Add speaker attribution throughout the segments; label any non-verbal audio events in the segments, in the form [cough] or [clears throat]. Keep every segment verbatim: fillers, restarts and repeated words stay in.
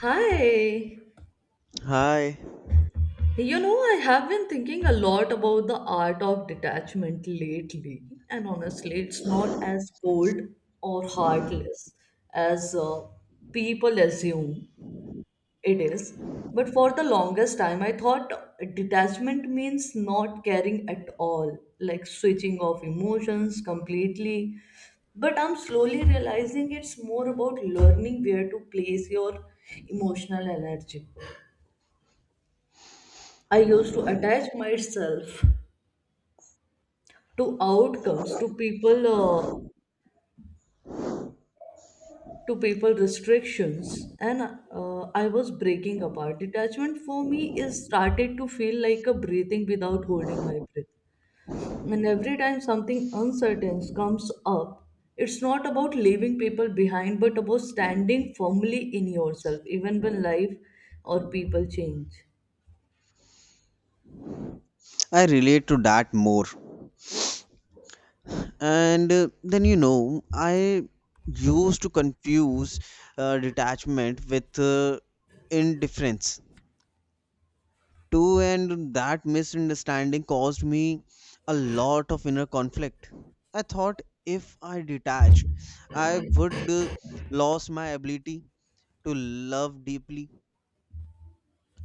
Speaker 1: Hi.
Speaker 2: Hi,
Speaker 1: You know, I have been thinking a lot about the art of detachment lately, and honestly, it's not as cold or heartless as uh, people assume it is. But for the longest time, I thought detachment means not caring at all, like switching off emotions completely. But I'm slowly realizing it's more about learning where to place your emotional energy. I used to attach myself to outcomes, to people, uh, to people restrictions, and uh, I was breaking apart. Detachment for me is started to feel like a breathing without holding my breath. And every time something uncertain comes up, it's not about leaving people behind, but about standing firmly in yourself, even when life or people change.
Speaker 2: I relate to that more. And uh, then you know, I used to confuse uh, detachment with uh, indifference too, and that misunderstanding caused me a lot of inner conflict. I thought if I detached, I would uh, lose my ability to love deeply,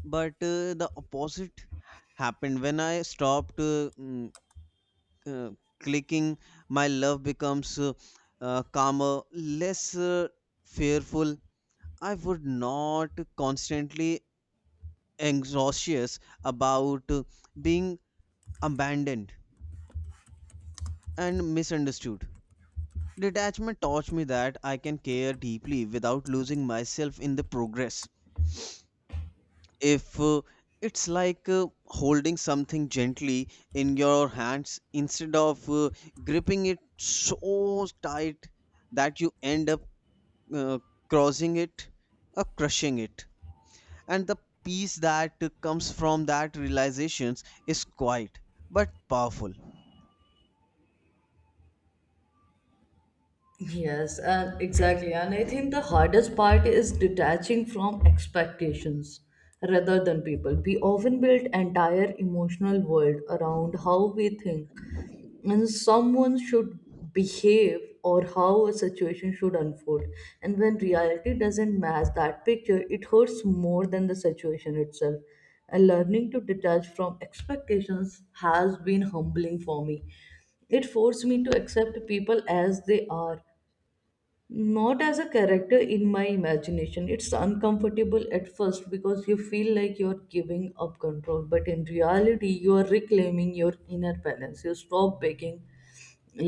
Speaker 2: but uh, the opposite happened when I stopped. Uh, mm, uh, Clicking, my love becomes uh, uh, calmer, less uh, fearful. I would not constantly anxious about uh, being abandoned and misunderstood. Detachment taught me that I can care deeply without losing myself in the progress. If uh, It's like uh, holding something gently in your hands instead of uh, gripping it so tight that you end up uh, crossing it or crushing it, and the peace that comes from that realizations is quiet but powerful.
Speaker 1: Yes, and exactly. And I think the hardest part is detaching from expectations rather than people. We often build entire emotional world around how we think and someone should behave or how a situation should unfold. And when reality doesn't match that picture, it hurts more than the situation itself. And learning to detach from expectations has been humbling for me. It forced me to accept people as they are, not as a character in my imagination. It's uncomfortable at first because you feel like you're giving up control, but in reality you are reclaiming your inner balance. You stop begging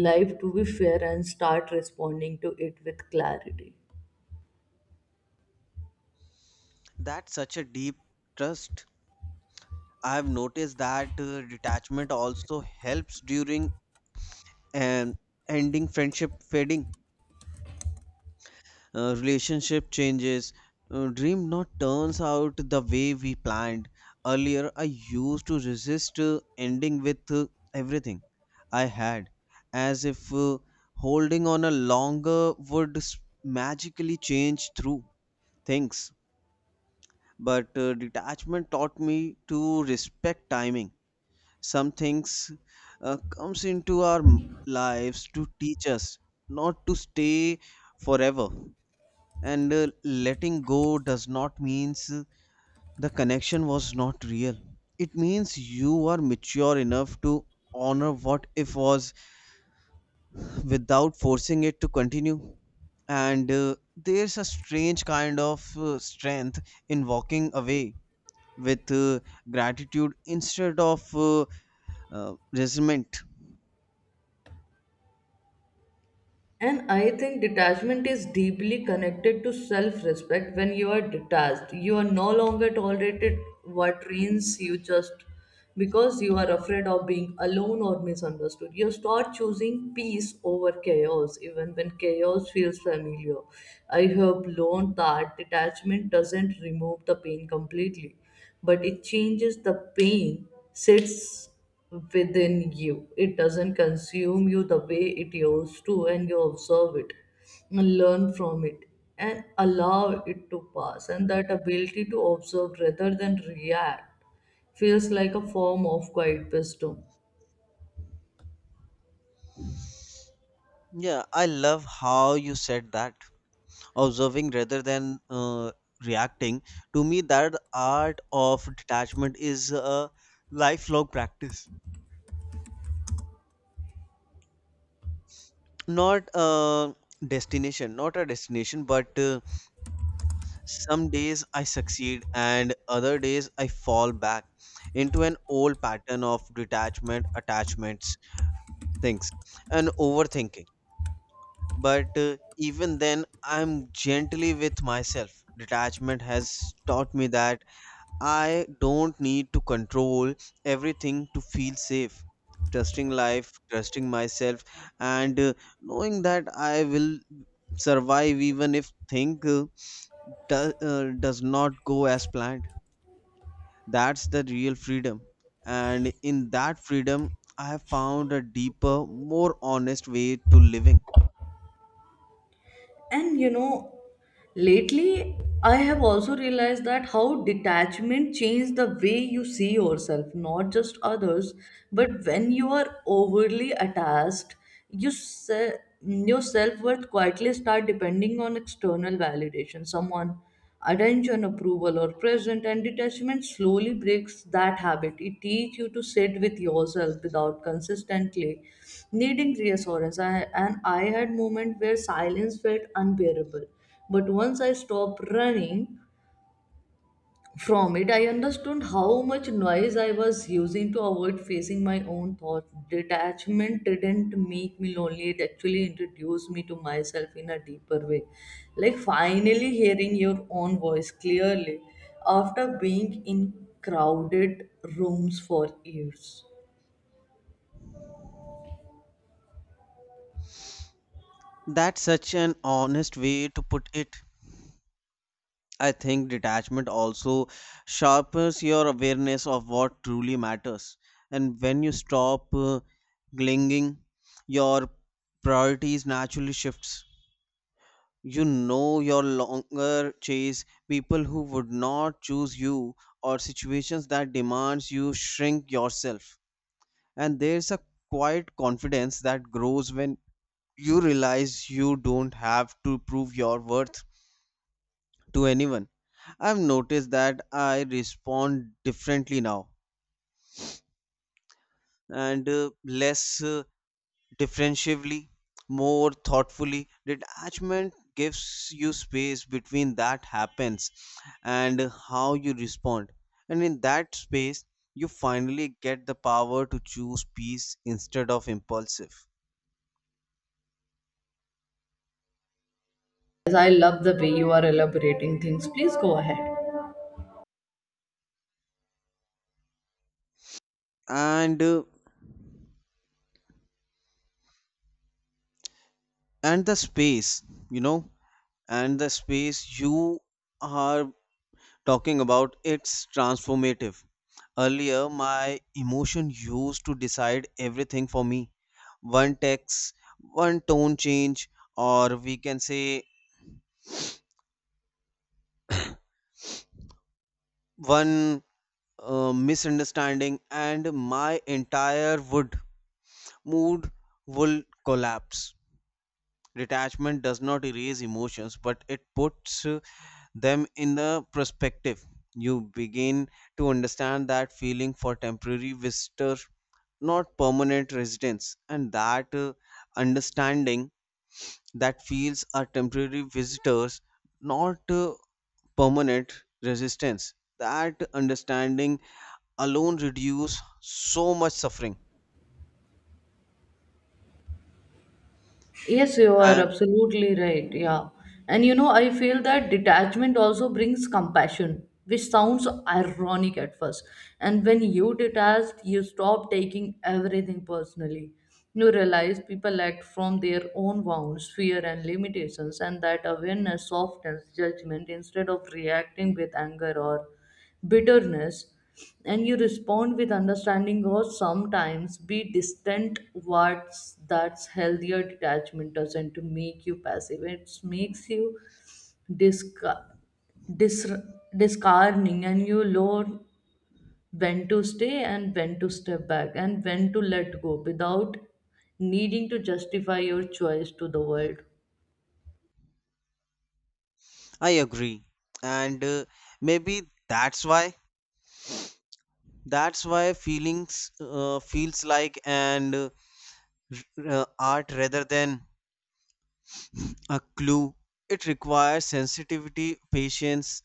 Speaker 1: life to be fair and start responding to it with clarity.
Speaker 2: That's such a deep trust. I have noticed that uh, detachment also helps during an ending, friendship fading, uh, relationship changes, uh, dream not turns out the way we planned. Earlier I used to resist uh, ending with uh, everything I had, as if uh, holding on a longer would s- magically change through things. But uh, detachment taught me to respect timing. Some things uh, comes into our m- lives to teach us, not to stay forever. And uh, letting go does not means uh, the connection was not real. It means you are mature enough to honor what if was without forcing it to continue. And uh, there's a strange kind of uh, strength in walking away with uh, gratitude instead of uh, uh, resentment.
Speaker 1: And I think detachment is deeply connected to self respect. When you are detached, you are no longer tolerated what trains you just because you are afraid of being alone or misunderstood. You start choosing peace over chaos, even when chaos feels familiar. I have learned that detachment doesn't remove the pain completely, but it changes the pain, sits within you. It doesn't consume you the way it used to, and you observe it, and learn from it, and allow it to pass. And that ability to observe rather than react feels like a form of quiet wisdom.
Speaker 2: Yeah, I love how you said that, observing rather than uh, reacting. To me that art of detachment is a lifelong practice, not a destination. Not a destination, but uh, some days I succeed and other days I fall back into an old pattern of detachment, attachments, things, and overthinking. But uh, even then I'm gently with myself. Detachment has taught me that I don't need to control everything to feel safe. Trusting life, trusting myself, and uh, knowing that I will survive even if things uh, do- uh, does not go as planned. That's the real freedom. And in that freedom, I have found a deeper, more honest way to living.
Speaker 1: And you know, lately, I have also realized that how detachment changes the way you see yourself, not just others, but when you are overly attached, you se- your self worth quietly start depending on external validation, someone, attention, approval, or present, and detachment slowly breaks that habit. It teaches you to sit with yourself without consistently needing reassurance. I, and I had moment where silence felt unbearable, but once I stopped running from it, I understood how much noise I was using to avoid facing my own thoughts. Detachment didn't make me lonely, it actually introduced me to myself in a deeper way. Like finally hearing your own voice clearly after being in crowded rooms for years.
Speaker 2: That's such an honest way to put it. I think detachment also sharpens your awareness of what truly matters. And when you stop uh, clinging, your priorities naturally shifts. You know your longer chase people who would not choose you or situations that demands you shrink yourself. And there's a quiet confidence that grows when you realize you don't have to prove your worth to anyone. I've noticed that I respond differently now, and uh, less uh, differentially, more thoughtfully. Detachment gives you space between that happens and how you respond. And in that space, you finally get the power to choose peace instead of impulsive.
Speaker 1: As I love the way you are elaborating things, please go ahead.
Speaker 2: And uh, and the space, you know, and the space you are talking about, it's transformative. Earlier, my emotion used to decide everything for me. One text, one tone change, or we can say one uh, misunderstanding, and my entire would mood will collapse. Detachment does not erase emotions, but it puts them in the perspective. You begin to understand that feeling for temporary visitor, not permanent residents, and that uh, understanding that feels are temporary visitors, not uh, permanent resistance. That understanding alone reduce so much suffering.
Speaker 1: Yes, you are
Speaker 2: And
Speaker 1: absolutely right. Yeah. And you know, I feel that detachment also brings compassion, which sounds ironic at first. And when you detach, you stop taking everything personally. You realize people act from their own wounds, fear, and limitations, and that awareness softens judgment instead of reacting with anger or bitterness, and you respond with understanding or sometimes be distant what's that's healthier. Detachment doesn't make you passive, it makes you disca- dis- discerning, and you learn when to stay and when to step back and when to let go without needing to justify your choice to the world.
Speaker 2: I agree. And uh, maybe that's why that's why feelings uh, feels like an uh, uh, art rather than a clue. It requires sensitivity, patience,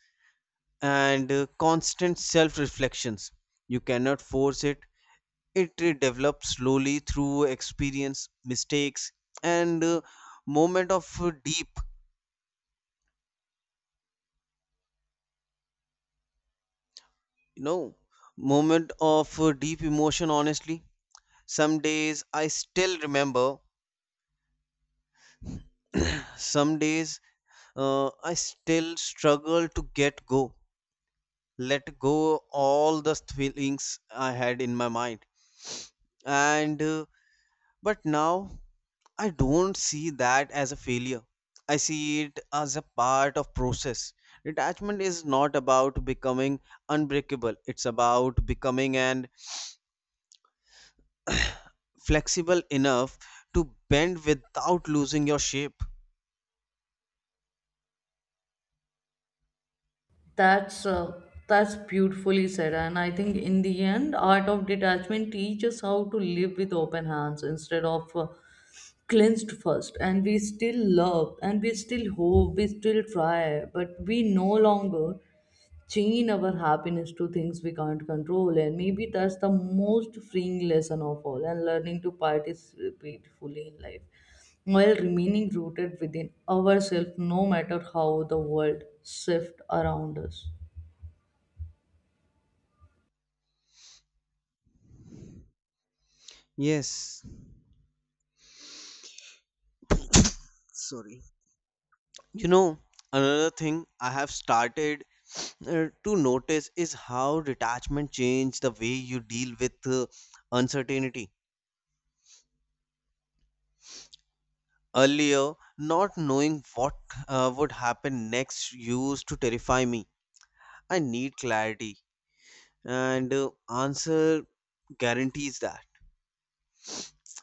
Speaker 2: and uh, constant self reflections. You cannot force it. It uh, develops slowly through experience, mistakes, and uh, moment of uh, deep, you know, moment of uh, deep emotion. Honestly, some days I still remember. Some days uh, I still struggle to get go let go all the feelings I had in my mind. And uh, but now I don't see that as a failure. I see it as a part of process. Detachment is not about becoming unbreakable. It's about becoming and flexible enough to bend without losing your shape.
Speaker 1: That's uh, that's beautifully said, and I think in the end, art of detachment teaches how to live with open hands instead of uh, cleansed first. And we still love, and we still hope, we still try, but we no longer chain our happiness to things we can't control. And maybe that's the most freeing lesson of all, and learning to participate fully in life while remaining rooted within ourselves, no matter how the world shifts around us.
Speaker 2: Yes, sorry. You know, another thing I have started uh, to notice is how detachment changed the way you deal with uh, uncertainty. Earlier, not knowing what uh, would happen next used to terrify me. I need clarity, and uh, answer guarantees that.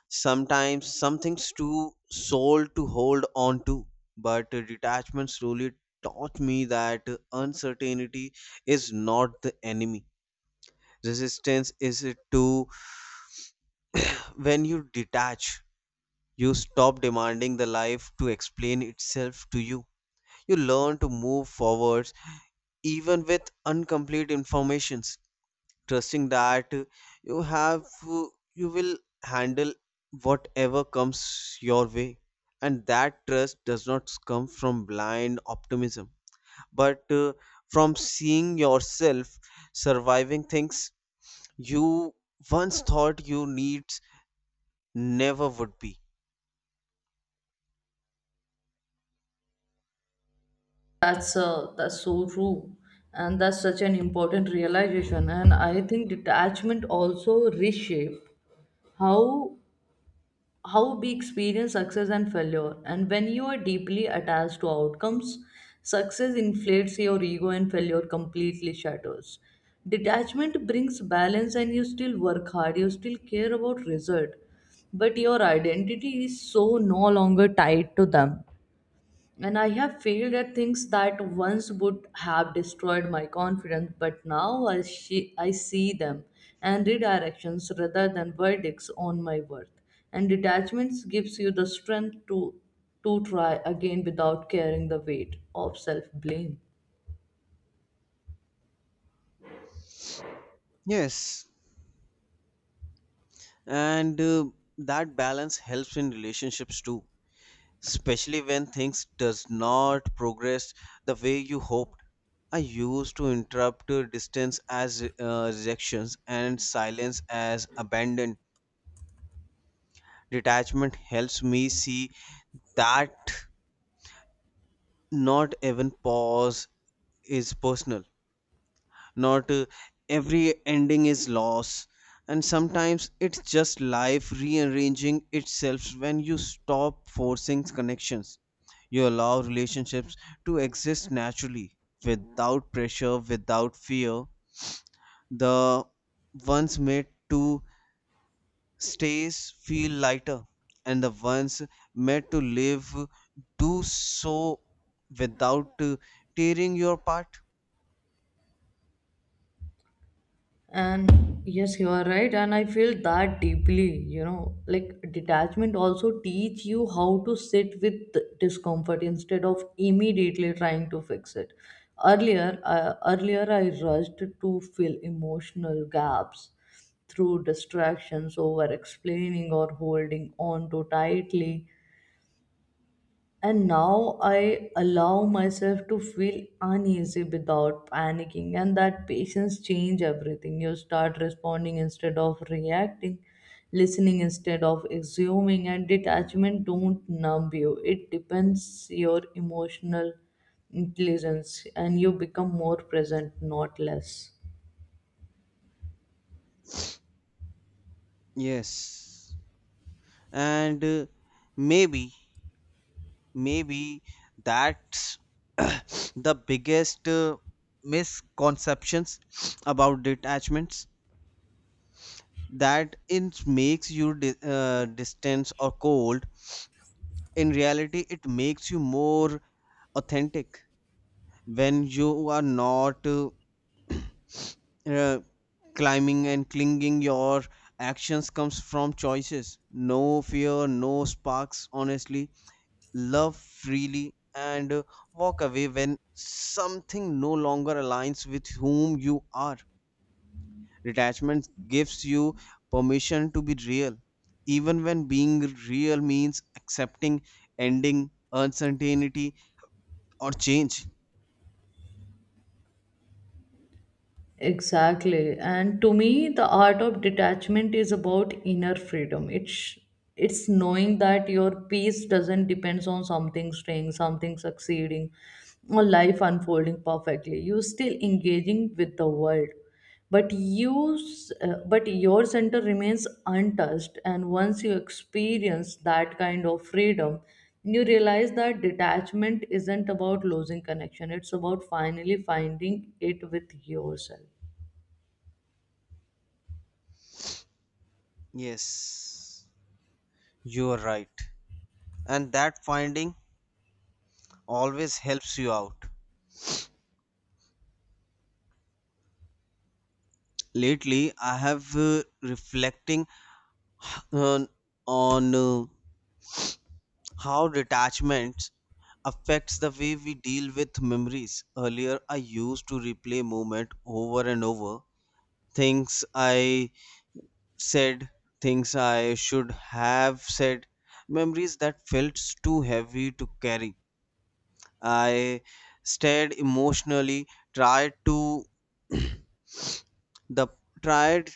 Speaker 2: Sometimes something's too soul to hold on to, but uh, detachment slowly taught me that uh, uncertainty is not the enemy. Resistance is it to. When you detach, you stop demanding the life to explain itself to you. You learn to move forwards even with incomplete informations, trusting that you have you will handle whatever comes your way. And that trust does not come from blind optimism, but uh, from seeing yourself surviving things you once thought you needs never would be.
Speaker 1: that's uh, That's so true, and that's such an important realization, and I think detachment also reshape how how we experience success and failure. And when you are deeply attached to outcomes, success inflates your ego and failure completely shatters. Detachment brings balance, and you still work hard, you still care about result, but your identity is so no longer tied to them. And I have failed at things that once would have destroyed my confidence, but now I, she, I see them and redirections rather than verdicts on my worth. And detachments gives you the strength to, to try again without carrying the weight of self blame.
Speaker 2: Yes, and uh, that balance helps in relationships too, especially when things does not progress the way you hoped. I used to interrupt uh, distance as uh, rejections and silence as abandon. Detachment helps me see that not even pause is personal, not uh, every ending is loss, and sometimes it's just life rearranging itself. When you stop forcing connections, you allow relationships to exist naturally, without pressure, without fear. The ones made to stays feel lighter, and the ones made to live do so without uh, tearing your part.
Speaker 1: And yes, you are right. And I feel that deeply, you know, like detachment also teach you how to sit with discomfort instead of immediately trying to fix it. Earlier, uh, earlier I rushed to fill emotional gaps through distractions over explaining or holding on too tightly, and now I allow myself to feel uneasy without panicking, and that patience change everything. You start responding instead of reacting, listening instead of assuming, and detachment don't numb you, it depends your emotional intelligence, and you become more present not less.
Speaker 2: Yes, and uh, maybe maybe that's [clears throat] the biggest uh, misconceptions about detachments, that it makes you di- uh, distant or cold. In reality it makes you more authentic. When you are not uh, uh, climbing and clinging, your actions comes from choices, no fear, no sparks. Honestly, love freely and uh, walk away when something no longer aligns with whom you are. Detachment gives you permission to be real, even when being real means accepting ending, uncertainty, or change.
Speaker 1: Exactly. And to me, the art of detachment is about inner freedom. It's it's knowing that your peace doesn't depends on something staying, something succeeding, or life unfolding perfectly. You're still engaging with the world, but you s- uh, but your center remains untouched, and once you experience that kind of freedom you realize that detachment isn't about losing connection, it's about finally finding it with yourself.
Speaker 2: Yes, you are right. And that finding always helps you out. Lately, I have uh, reflecting on on uh, how detachment affects the way we deal with memories. Earlier, I used to replay moment over and over. Things I said, things I should have said, memories that felt too heavy to carry. I stared emotionally, tried to the tried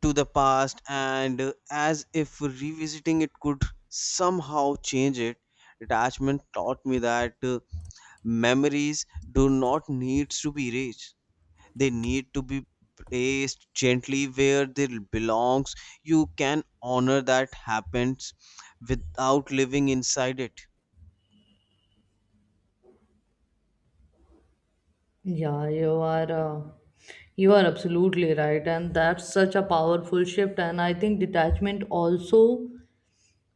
Speaker 2: to the past, and as if revisiting it could somehow change it. Detachment taught me that. uh, Memories do not need to be erased. They need to be placed gently where they belongs. You can honor that happens without living inside it.
Speaker 1: yeah you are uh, you are absolutely right, and that's such a powerful shift, and I think detachment also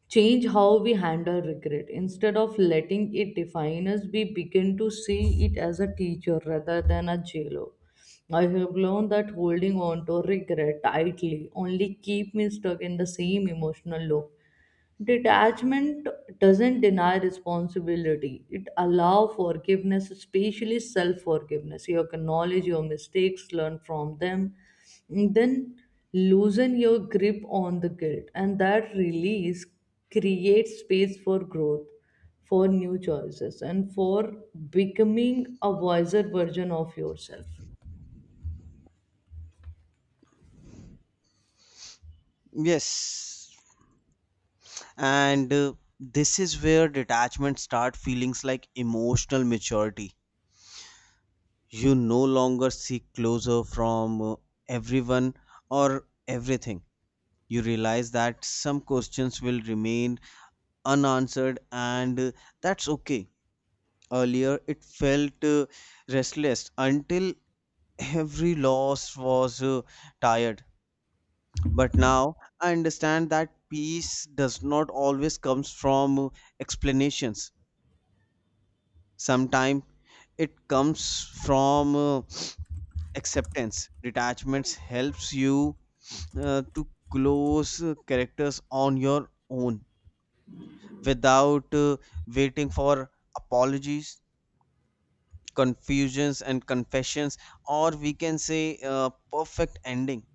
Speaker 1: change how we handle regret instead of letting it define us. We begin to see it as a teacher rather than a jailer. I have learned that holding on to regret tightly only keep me stuck in the same emotional loop. Detachment doesn't deny responsibility. It allows forgiveness, especially self-forgiveness. You acknowledge your mistakes, learn from them, and then loosen your grip on the guilt. And that release creates space for growth, for new choices, and for becoming a wiser version of yourself.
Speaker 2: Yes. And uh, this is where detachment start feelings like emotional maturity. You no longer seek closure from uh, everyone or everything. You realize that some questions will remain unanswered, and uh, that's okay. Earlier, it felt uh, restless until every loss was uh, tired. But now I understand that peace does not always comes from uh, explanations. Sometimes it comes from uh, acceptance. Detachments helps you uh, to close uh, characters on your own without uh, waiting for apologies, confusions and confessions, or we can say uh, perfect ending.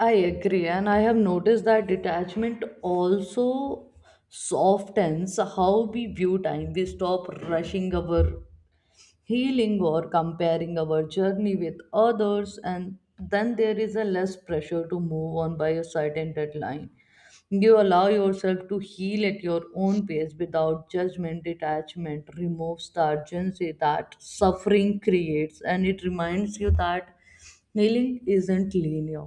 Speaker 1: I agree, and I have noticed that detachment also softens how we view time. We stop rushing our healing or comparing our journey with others, and then there is a less pressure to move on by a certain deadline. You allow yourself to heal at your own pace without judgment. Detachment removes the urgency that suffering creates, and it reminds you that healing isn't linear,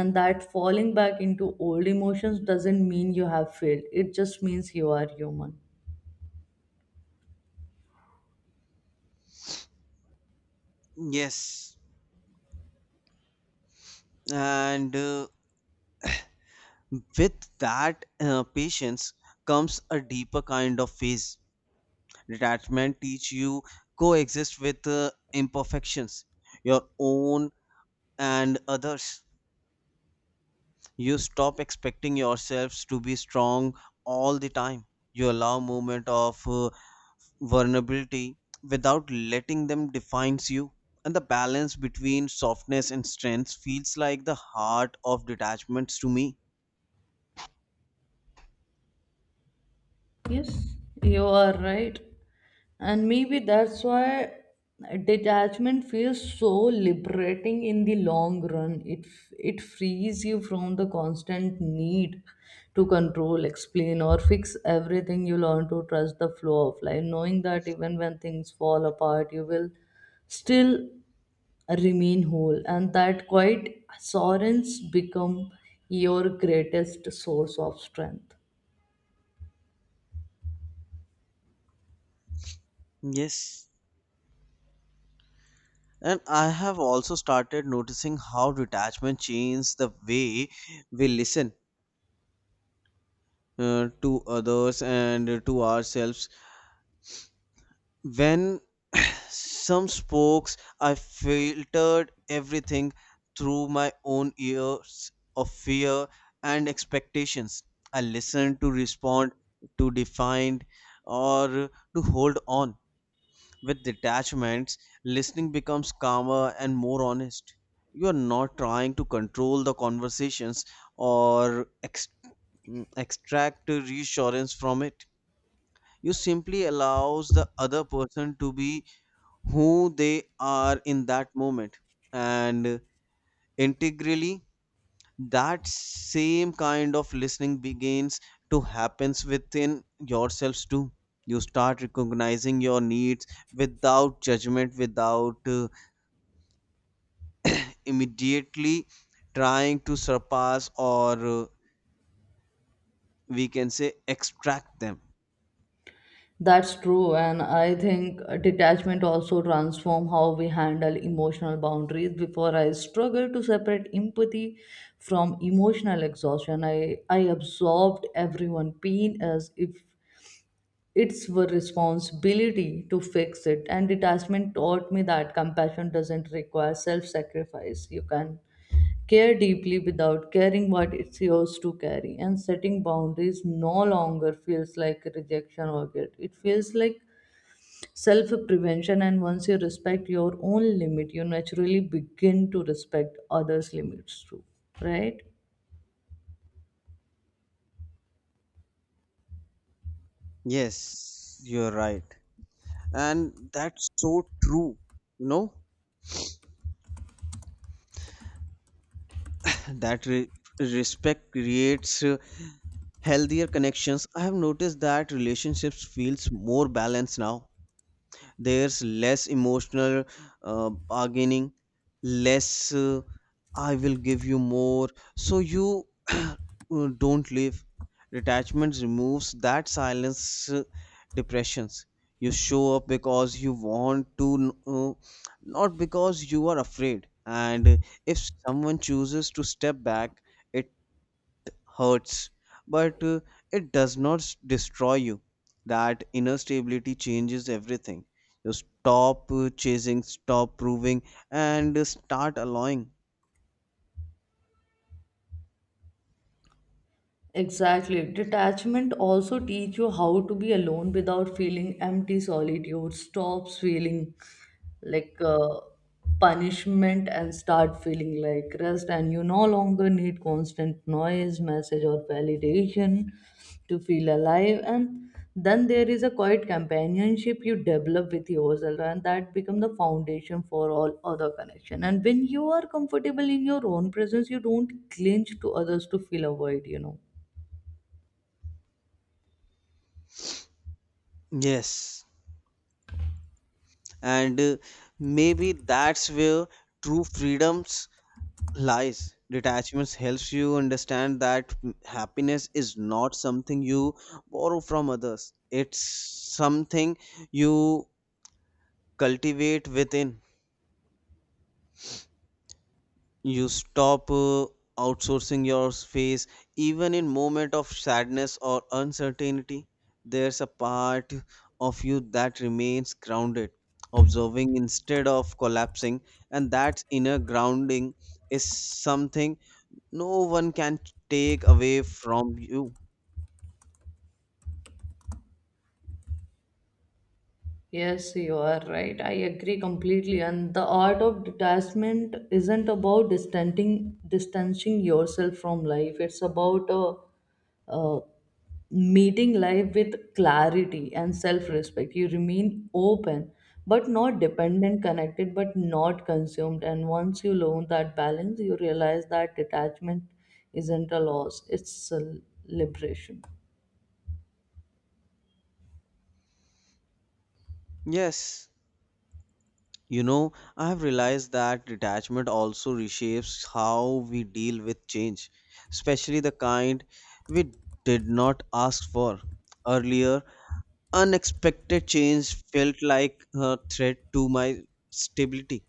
Speaker 1: and that falling back into old emotions doesn't mean you have failed, it just means you are human.
Speaker 2: Yes, and uh, with that uh, patience comes a deeper kind of phase. Detachment teach you coexist with uh, imperfections, your own and others. You stop expecting yourselves to be strong all the time. You allow moment of uh, vulnerability without letting them defines you, and the balance between softness and strength feels like the heart of detachments to me.
Speaker 1: Yes, you are right. And maybe that's why detachment feels so liberating in the long run. It it frees you from the constant need to control, explain, or fix everything. You learn to trust the flow of life, knowing that even when things fall apart, you will still remain whole, and that quite assurance become your greatest source of strength.
Speaker 2: Yes. And I have also started noticing how detachment changes the way we listen uh, to others and to ourselves. When [sighs] some spokes I filtered everything through my own ears of fear and expectations. I listened to respond, to define, or to hold on. With detachments, listening becomes calmer and more honest. You are not trying to control the conversations or ex- mm, extract reassurance from it. You simply allows the other person to be who they are in that moment, and integrally that same kind of listening begins to happens within yourselves too. You start recognizing your needs without judgment, without uh, immediately trying to surpass or uh, we can say extract them.
Speaker 1: That's true, and I think detachment also transform how we handle emotional boundaries. Before I struggled to separate empathy from emotional exhaustion. I I absorbed everyone' pain as if it's were responsibility to fix it. And detachment taught me that compassion doesn't require self-sacrifice. You can care deeply without caring what it's yours to carry. And setting boundaries no longer feels like rejection or guilt. It feels like self prevention, and once you respect your own limit you naturally begin to respect others limits too, right?
Speaker 2: Yes, you're right, and that's so true. You know, that re- respect creates uh, healthier connections. I have noticed that relationships feels more balanced now. There's less emotional uh, bargaining, less uh, I will give you more so you [clears throat] uh, don't leave. Detachment removes that silence uh, depressions. You show up because you want to, uh, not because you are afraid. And if someone chooses to step back, it hurts, but uh, it does not s- destroy you. That inner stability changes everything. You stop uh, chasing, stop proving, and uh, start allowing.
Speaker 1: Exactly. Detachment also teach you how to be alone without feeling empty solitude. Stops feeling like uh, punishment and start feeling like rest. And you no longer need constant noise, message, or validation to feel alive. And then there is a quiet companionship you develop with yourself, and that become the foundation for all other connection. And when you are comfortable in your own presence, you don't cling to others to feel a void. You know.
Speaker 2: Yes, and uh, maybe that's where true freedoms lies. Detachments helps you understand that m- happiness is not something you borrow from others. It's something you cultivate within. You stop uh, outsourcing your space. Even in moment of sadness or uncertainty, there's a part of you that remains grounded, observing instead of collapsing, and that inner grounding is something no one can take away from you.
Speaker 1: Yes, you are right. I agree completely. And the art of detachment isn't about distancing distancing yourself from life. It's about uh, uh, meeting life with clarity and self-respect. You remain open, but not dependent, connected, but not consumed. And once you learn that balance, you realize that detachment isn't a loss; it's a liberation.
Speaker 2: Yes. You know, I have realized that detachment also reshapes how we deal with change, especially the kind we did not ask for. Earlier, unexpected change felt like a threat to my stability.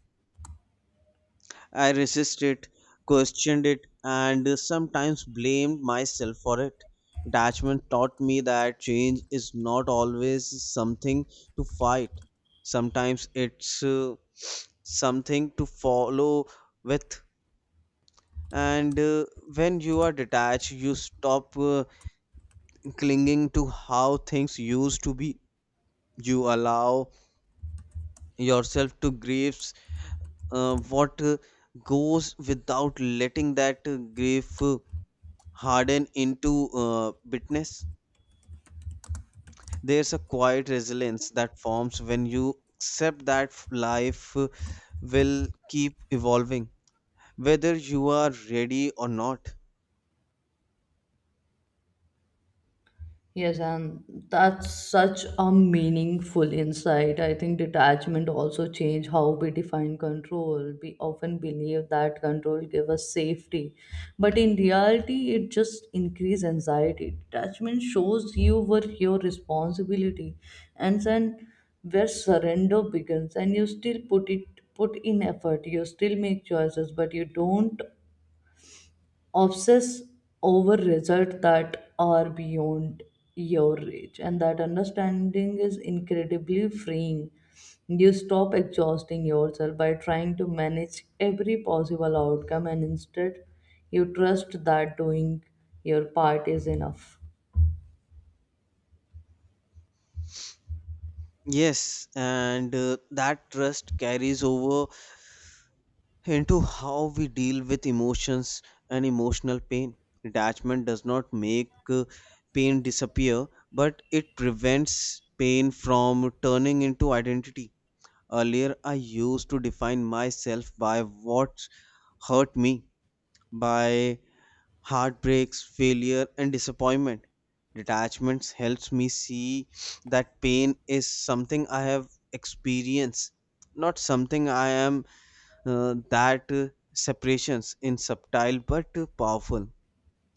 Speaker 2: I resisted it, questioned it, and sometimes blamed myself for it. Attachment taught me that change is not always something to fight. Sometimes it's uh, something to follow with. And uh, when you are detached, you stop uh, clinging to how things used to be. You allow yourself to grieve uh, what uh, goes without letting that uh, grief uh, harden into uh, bitterness. There's a quiet resilience that forms when you accept that life will keep evolving, whether you are ready or not.
Speaker 1: Yes, and that's such a meaningful insight. I think detachment also changed how we define control. We often believe that control gives us safety, but in reality, it just increases anxiety. Detachment shows you where your responsibility, and then where surrender begins, and you still put it put in effort. You still make choices, but you don't obsess over results that are beyond your reach, and that understanding is incredibly freeing. You stop exhausting yourself by trying to manage every possible outcome, and instead you trust that doing your part is enough.
Speaker 2: Yes, and uh, that trust carries over into how we deal with emotions and emotional pain. Detachment does not make uh, pain disappear, but it prevents pain from turning into identity. Earlier, I used to define myself by what hurt me, by heartbreaks, failure, and disappointment. Detachments helps me see that pain is something I have experienced, not something I am. Uh, that uh, Separations in subtle but uh, powerful.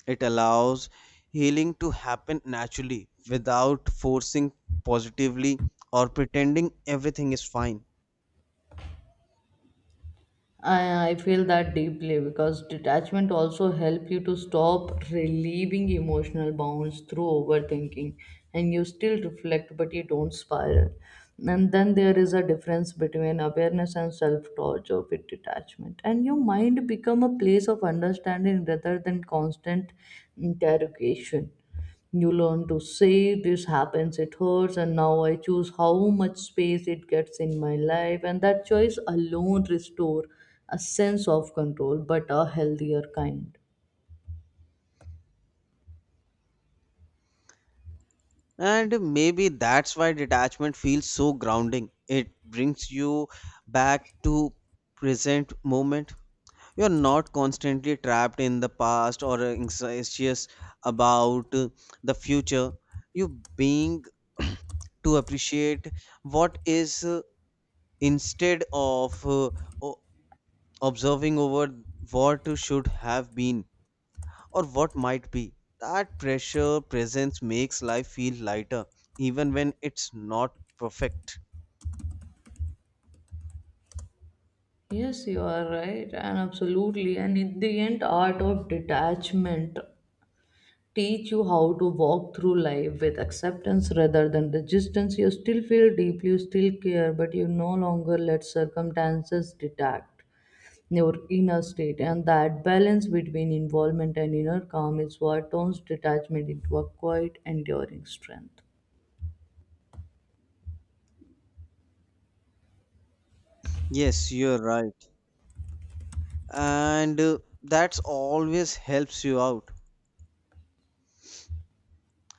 Speaker 2: It allows healing to happen naturally without forcing positively or pretending everything is fine.
Speaker 1: I, I feel that deeply because detachment also help you to stop relieving emotional bounds through overthinking, and you still reflect but you don't spiral. And then there is a difference between awareness and self-torture with detachment. And your mind become a place of understanding rather than constant interrogation. You learn to say this happens, it hurts, and now I choose how much space it gets in my life, and that choice alone restore a sense of control, but a healthier kind.
Speaker 2: And maybe that's why detachment feels so grounding. It brings you back to present moment. You're not constantly trapped in the past or anxious about uh, the future. You being [clears throat] to appreciate what is, uh, instead of uh, o- observing over what should have been or what might be. That pressure presence makes life feel lighter, even when it's not perfect.
Speaker 1: Yes, you are right, and absolutely. And in the end, art of detachment teach you how to walk through life with acceptance rather than resistance. You still feel deeply, you still care, but you no longer let circumstances detect your inner state, and that balance between involvement and inner calm is what turns detachment into a quiet enduring strength.
Speaker 2: Yes, you're right. And uh, that's always helps you out.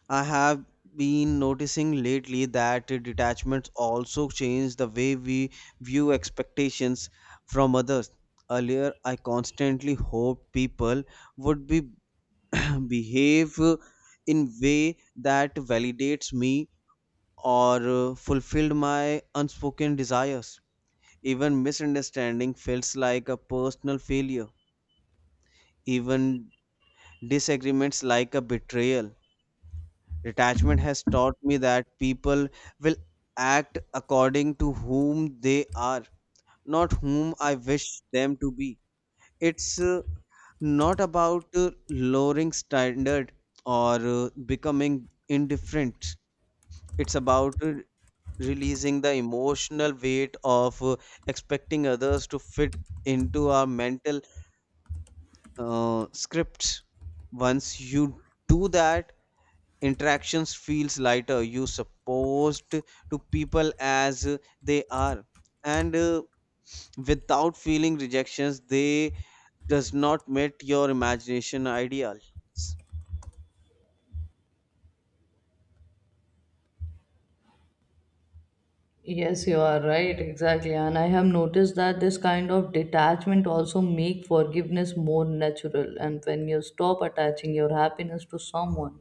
Speaker 2: I have been noticing lately that uh, detachments also change the way we view expectations from others. Earlier, I constantly hoped people would be [clears throat] behave uh, in way that validates me or uh, fulfilled my unspoken desires. Even misunderstanding feels like a personal failure. Even disagreements like a betrayal. Detachment has taught me that people will act according to whom they are, not whom I wish them to be. It's uh, not about uh, lowering standard or uh, becoming indifferent. It's about uh, releasing the emotional weight of uh, expecting others to fit into our mental uh, scripts. Once you do that, interactions feels lighter. You supposed to people as uh, they are, and uh, without feeling rejections they does not meet your imagination ideals.
Speaker 1: Yes, you are right exactly, and I have noticed that this kind of detachment also make forgiveness more natural, and when you stop attaching your happiness to someone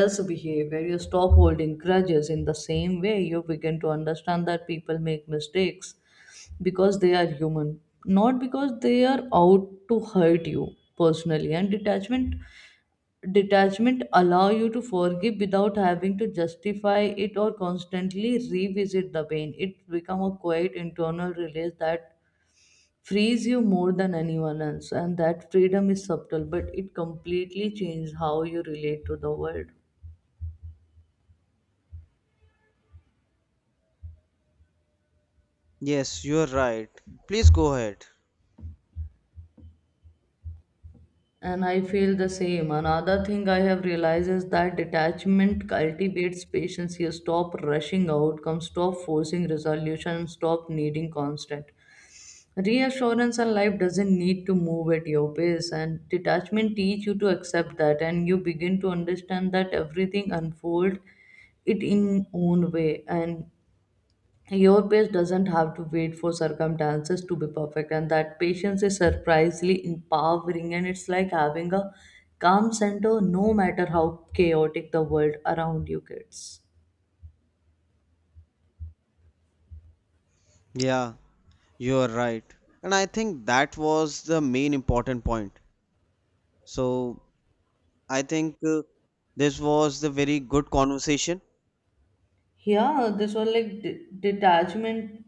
Speaker 1: else's behavior you stop holding grudges in the same way. You begin to understand that people make mistakes because they are human, not because they are out to hurt you personally. And detachment detachment allow you to forgive without having to justify it or constantly revisit the pain. It become a quiet internal release that frees you more than anyone else, and that freedom is subtle but it completely changes how you relate to the world.
Speaker 2: Yes, you are right. Please go ahead.
Speaker 1: And I feel the same. Another thing I have realized is that detachment cultivates patience. You stop rushing outcomes, stop forcing resolution, stop needing constant reassurance. And life doesn't need to move at your pace. And detachment teach you to accept that, and you begin to understand that everything unfold it in own way. And your pace doesn't have to wait for circumstances to be perfect, and that patience is surprisingly empowering. And it's like having a calm center no matter how chaotic the world around you gets.
Speaker 2: Yeah, you are right, and I think that was the main important point. So I think uh, this was the very good conversation.
Speaker 1: Yeah, this was like de- detachment.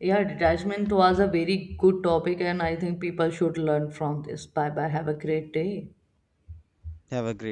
Speaker 1: Yeah, detachment was a very good topic, and I think people should learn from this. Bye bye. Have a great day.
Speaker 2: Have a great